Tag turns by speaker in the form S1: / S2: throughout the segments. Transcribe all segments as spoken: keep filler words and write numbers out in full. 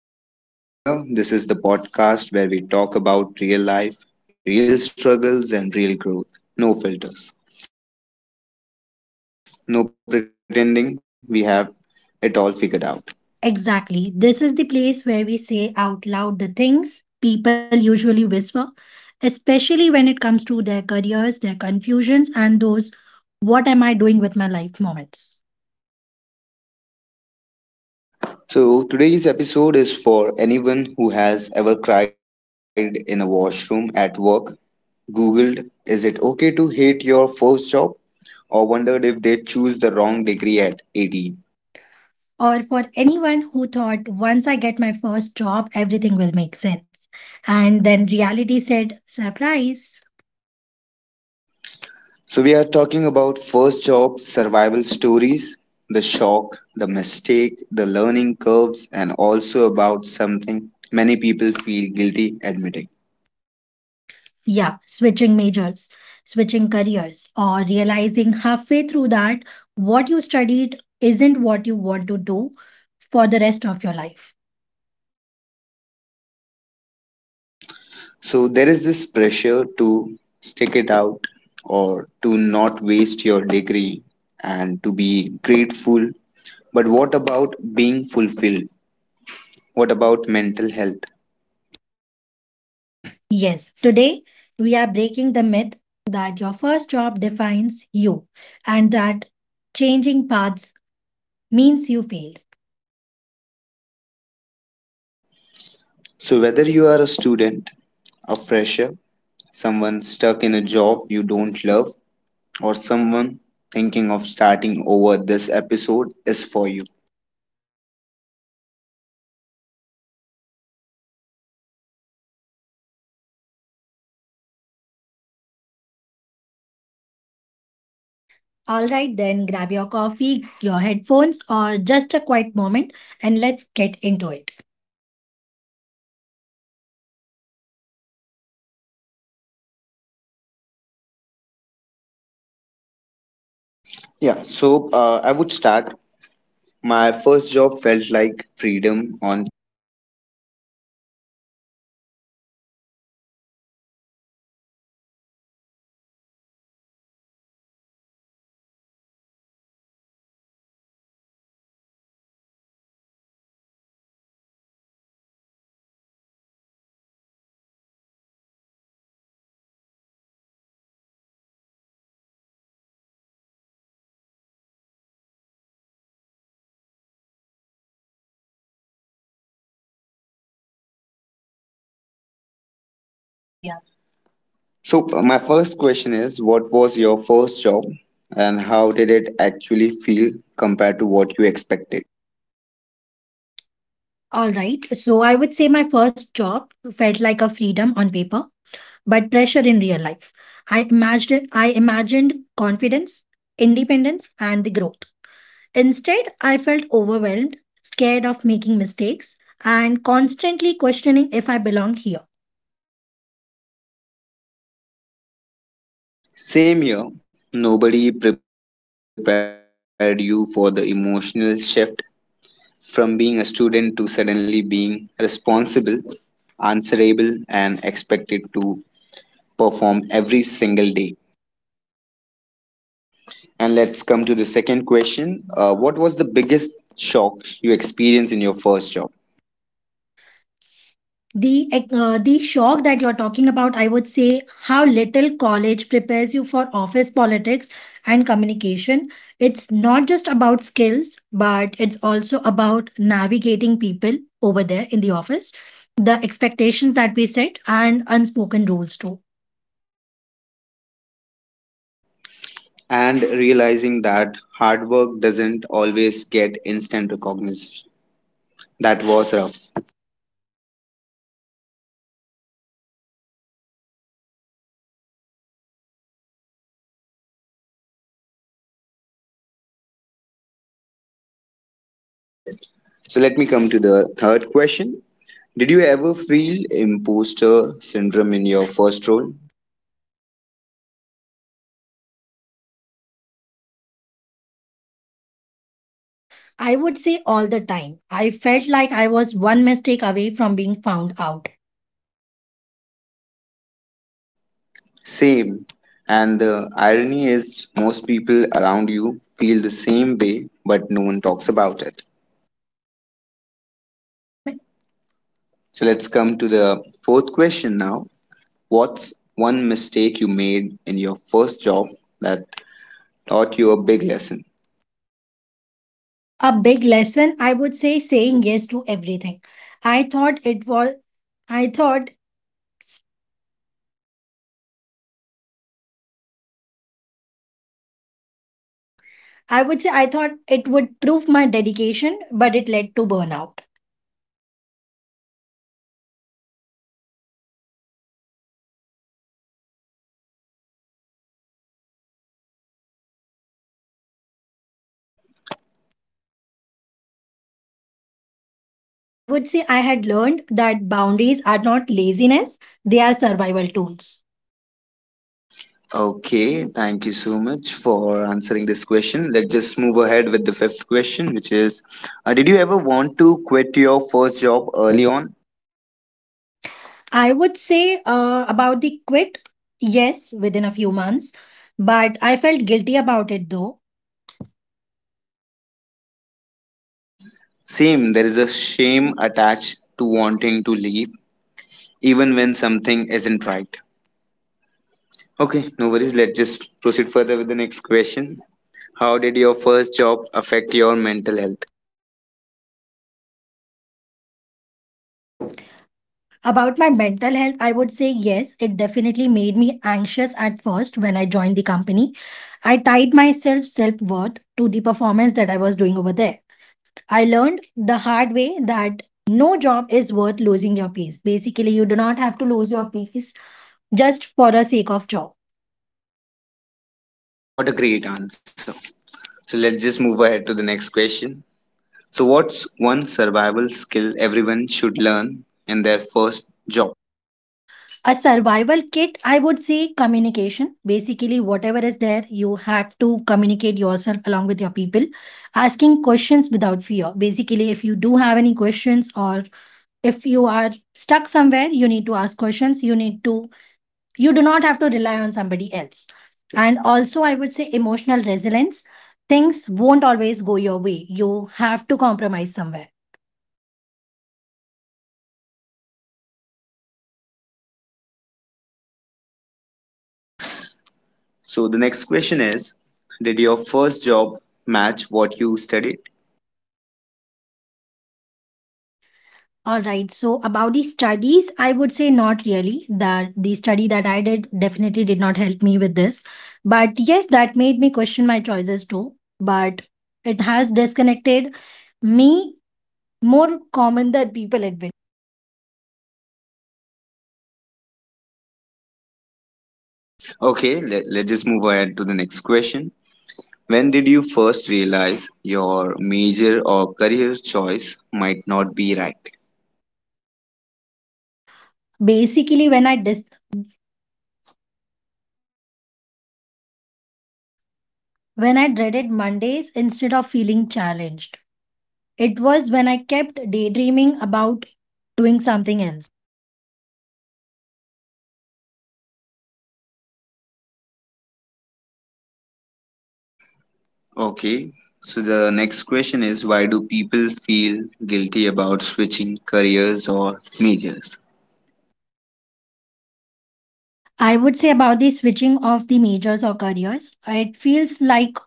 S1: If you are new here, this is the podcast where we talk about real life, real struggles, and real growth. No filters, no pretending we have it all figured out.
S2: Exactly. This is the place where we say out loud the things people usually whisper, especially when it comes to their careers, their confusions, and those what am I doing with my life moments.
S1: So, today's episode is for anyone who has ever cried in a washroom at work, Googled, is it okay to hate your first job, or wondered if they choose the wrong degree at eighteen.
S2: Or for anyone who thought once I get my first job, everything will make sense. And then reality said, surprise.
S1: So, we are talking about first job survival stories, the shock, the mistake, the learning curves, and also about something many people feel guilty admitting.
S2: Yeah, switching majors, switching careers, or realizing halfway through that what you studied isn't what you want to do for the rest of your life.
S1: So, there is this pressure to stick it out or to not waste your degree and to be grateful. But what about being fulfilled? What about mental health?
S2: Yes, today we are breaking the myth that your first job defines you and that changing paths means you failed.
S1: So, whether you are a student, a fresher, someone stuck in a job you don't love, or someone thinking of starting over, this episode is for you.
S2: All right, then grab your coffee, your headphones, or just a quiet moment and let's get into it.
S1: Yeah, so uh, I would start. My first job felt like freedom on. So uh, my first question is, what was your first job and how did it actually feel compared to what you expected?
S2: All right, so I would say my first job felt like a freedom on paper but pressure in real life. I imagined I imagined confidence, independence, and the growth. Instead, I felt overwhelmed, scared of making mistakes, and constantly questioning if I belong here.
S1: Same year, nobody prepared you for the emotional shift from being a student to suddenly being responsible, answerable, and expected to perform every single day. And let's come to the second question. Uh, what was the biggest shock you experienced in your first job?
S2: the uh, the shock that you're talking about, I would say how little college prepares you for office politics and communication. It's not just about skills, but it's also about navigating people over there in the office, the expectations that we set, and unspoken rules too.
S1: And realizing that hard work doesn't always get instant recognition. That was rough. So let me come to the third question. Did you ever feel imposter syndrome in your first role?
S2: I would say all the time I felt like I was one mistake away from being found out.
S1: Same. And the irony is, most people around you feel the same way, but no one talks about it. So let's come to the fourth question now. What's one mistake you made in your first job that taught you a big lesson?
S2: A big lesson, I would say, saying yes to everything. i thought it was I thought I would say I thought it would prove my dedication, but it led to burnout. I would say I had learned that boundaries are not laziness, they are survival tools.
S1: Okay, thank you so much for answering this question. Let's just move ahead with the fifth question, which is uh, Did you ever want to quit your first job early on?
S2: I would say uh, about the quit, yes, within a few months, but I felt guilty about it though.
S1: Same, same, there is a shame attached to wanting to leave, even when something isn't right. Okay, no worries. Let's just proceed further with the next question. How did your first job affect your mental health?
S2: Be- About my mental health, I would say yes, it definitely made me anxious at first when I joined the company. I tied myself self worth to the performance that I was doing over there. I learned the hard way that no job is worth losing your peace. Basically, you do not have to lose your peace just for the sake of job.
S1: What a great answer. So let's just move ahead to the next question. So, what's one survival skill everyone should learn in their first job?
S2: A survival kit, I would say communication. Basically, whatever is there, you have to communicate yourself along with your people, asking questions without fear. Basically, if you do have any questions or if you are stuck somewhere, you need to ask questions. You need to you do not have to rely on somebody else, and also I would say emotional resilience. Things won't always go your way, you have to compromise somewhere.
S1: So, the next question is, did your first job match what you studied?
S2: All right, so about the studies, I would say not really. That the study that I did definitely did not help me with this, but yes, that made me question my choices too. But it has disconnected me, more common than people admit.
S1: Okay, let, let's just move ahead to the next question. When did you first realize your major or career choice might not be right?
S2: Basically when i dis- when I dreaded Mondays instead of feeling challenged. It was when I kept daydreaming about doing something else.
S1: Okay, so the next question is, why do people feel guilty about switching careers or majors?
S2: I would say about the switching of the majors or careers. It feels like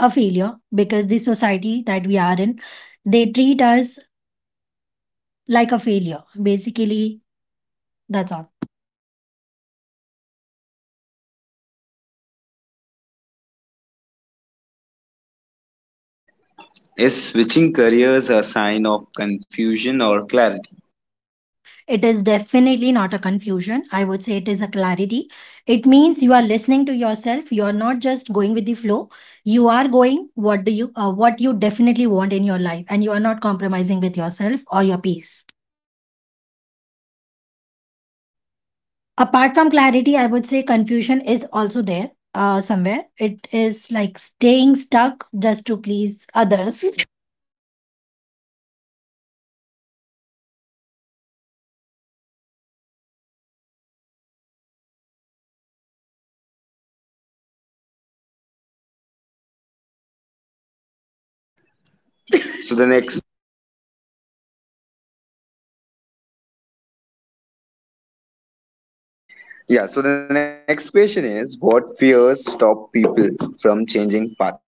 S2: a failure because the society that we are in, they treat us like a failure. Basically, that's all.
S1: Is switching careers a sign of confusion or clarity?
S2: It is definitely not a confusion. I would say it is a clarity. It means you are listening to yourself. You are not just going with the flow. You are going what do you uh, what you definitely want in your life, and you are not compromising with yourself or your peace. Apart from clarity, I would say confusion is also there uh, somewhere. It is like staying stuck just to please others,
S1: So the next yeah, so the next question is, what fears stop people from changing path?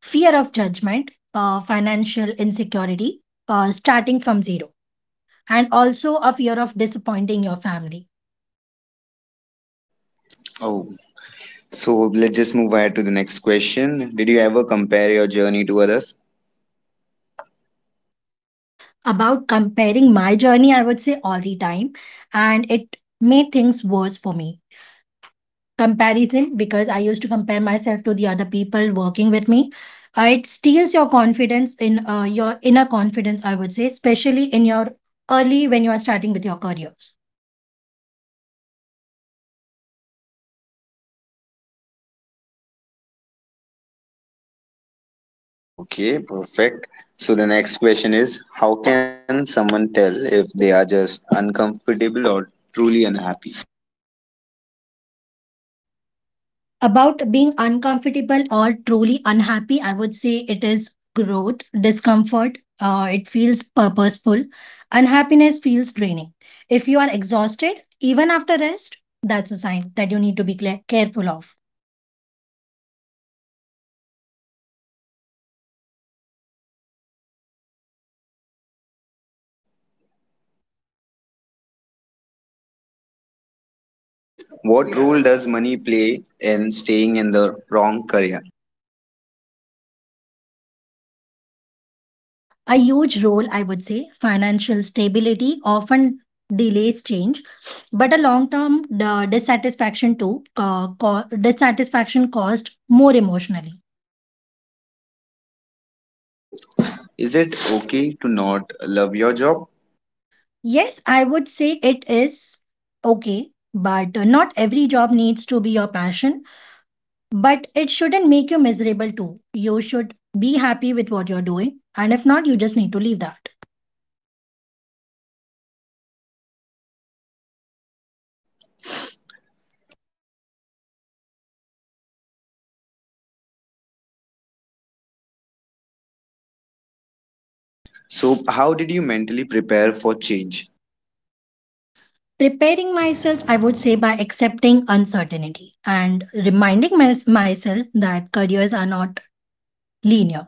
S2: fear of judgment, uh, financial insecurity, uh, starting from zero, and also a fear of disappointing your family.
S1: Oh. So let's just move ahead to the next question. Did you ever compare your journey to others?
S2: About comparing my journey, I would say all the time, and it made things worse for me. Comparison, because I used to compare myself to the other people working with me. Uh, it steals your confidence in uh, your inner confidence, I would say, especially in your early when you are starting with your careers.
S1: Okay, perfect. So the next question is, how can someone tell if they are just uncomfortable or truly unhappy?
S2: About being uncomfortable or truly unhappy, I would say it is growth, discomfort. Uh, it feels purposeful. Unhappiness feels draining. If you are exhausted, even after rest, that's a sign that you need to be clear, careful of.
S1: What role does money play in staying in the wrong career?
S2: A huge role, I would say. Financial stability often delays change, but a long term the dissatisfaction too, uh, co- dissatisfaction caused more emotionally.
S1: Is it okay to not love your job?
S2: Yes, I would say it is okay, but uh, not every job needs to be your passion, but it shouldn't make you miserable too. You should be happy with what you're doing, and if not, you just need to leave that.
S1: So, how did you mentally prepare for change?
S2: Preparing myself, I would say, by accepting uncertainty and reminding mys- myself that careers are not linear.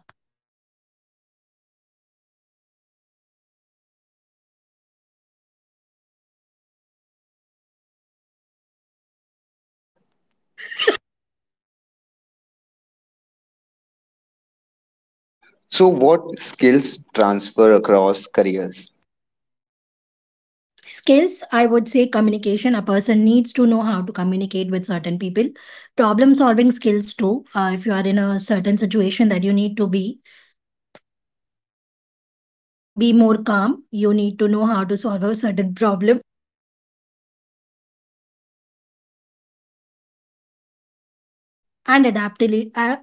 S1: So, what skills transfer across careers?
S2: Skills, I would say, communication. A person needs to know how to communicate with certain people. Problem solving skills, too. Uh, if you are in a certain situation that you need to be, be more calm. You need to know how to solve a certain problem and adaptability, uh,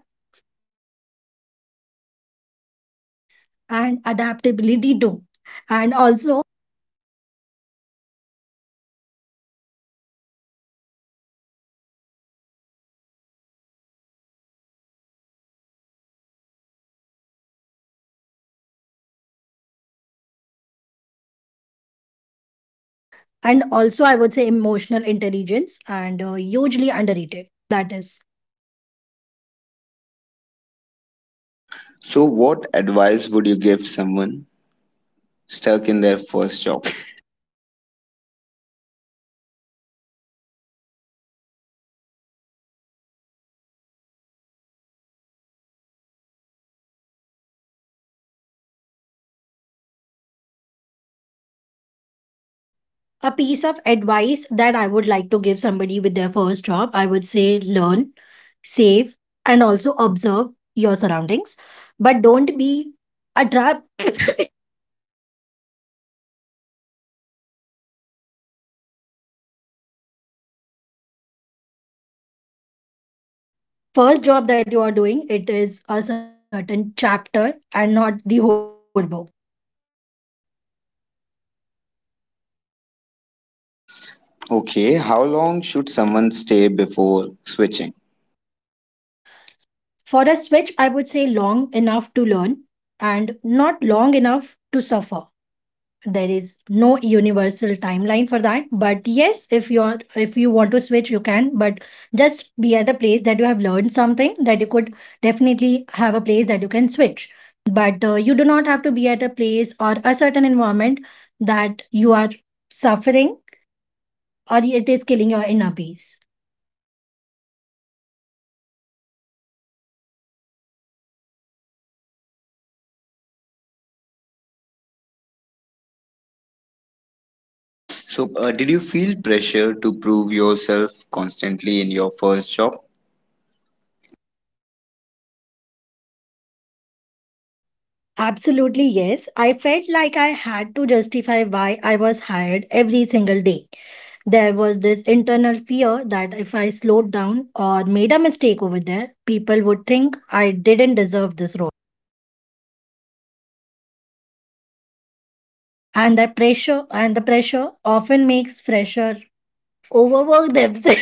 S2: and adaptability too. And also and also I would say emotional intelligence, and uh, hugely underrated that is.
S1: So, what advice would you give someone stuck in their first job?
S2: A piece of advice that I would like to give somebody with their first job, I would say, learn, save, and also observe your surroundings, but don't be a trap. First job that you are doing, it is a certain chapter and not the whole book.
S1: Okay, how long should someone stay before switching?
S2: For a switch, I would say long enough to learn and not long enough to suffer. There is no universal timeline for that, but yes, if you're if you want to switch, you can, but just be at a place that you have learned something, that you could definitely have a place that you can switch. But uh, you do not have to be at a place or a certain environment that you are suffering, or it is killing your inner peace.
S1: So, uh, did you feel pressure to prove yourself constantly in your first job?
S2: Absolutely, yes. I felt like I had to justify why I was hired every single day. There was this internal fear that if I slowed down or made a mistake over there, people would think I didn't deserve this role. And that pressure and the pressure often makes fresher overwork themselves.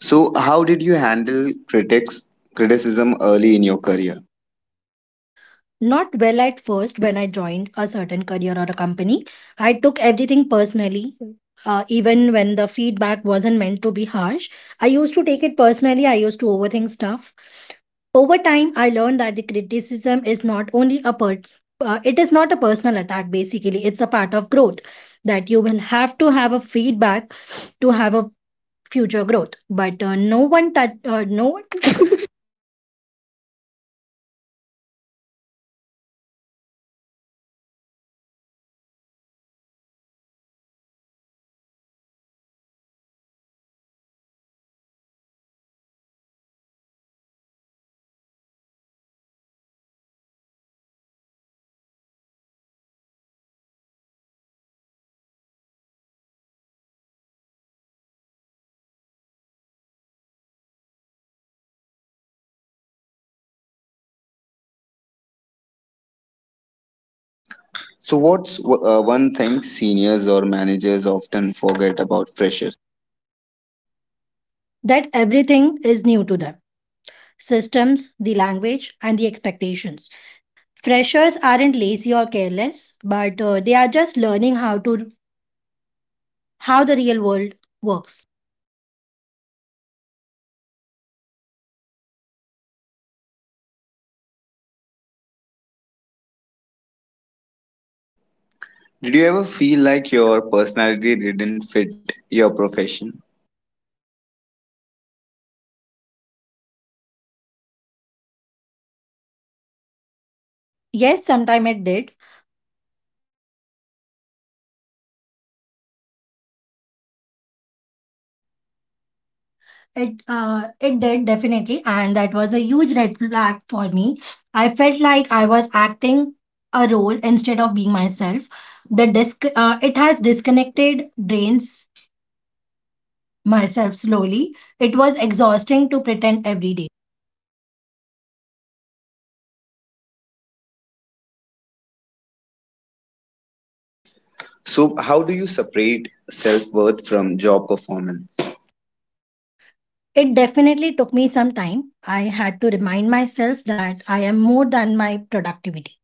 S1: So, how did you handle critics criticism early in your career?
S2: Not well at first when I joined a certain career or a company. I took everything personally. Uh, even when the feedback wasn't meant to be harsh, I used to take it personally. I used to overthink stuff. Over time, I learned that the criticism is not only a pers- uh, it is not a personal attack. Basically, it's a part of growth, that you will have to have a feedback to have a future growth. But uh, no one that uh, no one
S1: So, what's uh, one thing seniors or managers often forget about freshers?
S2: that everything is new to them, systems, the language, and the expectations. Freshers aren't lazy or careless, but uh, they are just learning how to, how the real world works.
S1: Did you ever feel like your personality didn't fit your profession?
S2: Yes, sometime it did. It uh, it did definitely, and that was a huge red flag for me. I felt like I was acting a role instead of being myself. The disc uh, It has disconnected, drains myself slowly. It was exhausting to pretend every day.
S1: So, how do you separate self worth from job performance?
S2: It definitely took me some time. I had to remind myself that I am more than my productivity.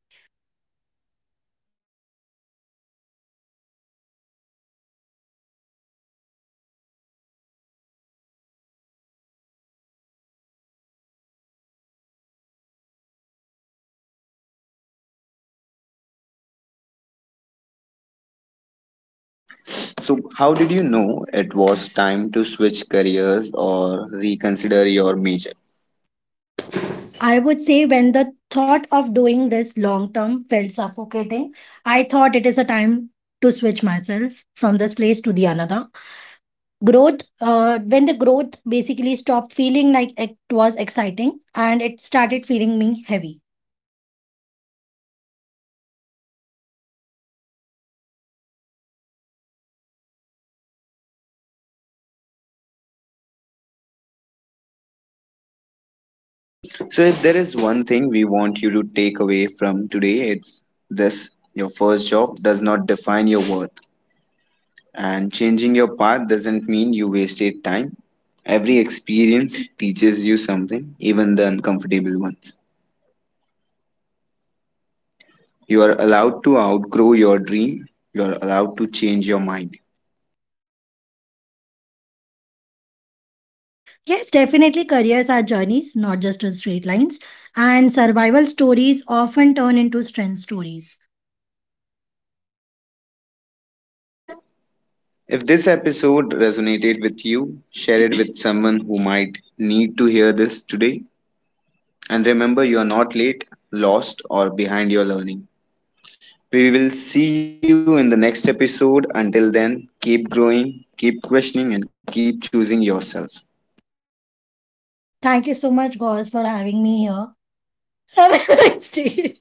S1: So, how did you know it was time to switch careers or reconsider your major?
S2: I would say when the thought of doing this long term felt suffocating, I thought it is a time to switch myself from this place to the another. Growth, uh, when the growth basically stopped feeling like it was exciting and it started feeling me heavy.
S1: So, if there is one thing we want you to take away from today, it's this: your first job does not define your worth, and changing your path doesn't mean you wasted time. Every experience teaches you something, even the uncomfortable ones. You are allowed to outgrow your dream. You are allowed to change your mind.
S2: Yes, definitely careers are journeys, not just as straight lines, and survival stories often turn into strength stories.
S1: If this episode resonated with you, share it with someone who might need to hear this today. And remember, you are not late, lost, or behind your learning. We will see you in the next episode. Until then, keep growing, keep questioning, and keep choosing yourself.
S2: Thank you so much, Gauze, for having me here. Have a nice day.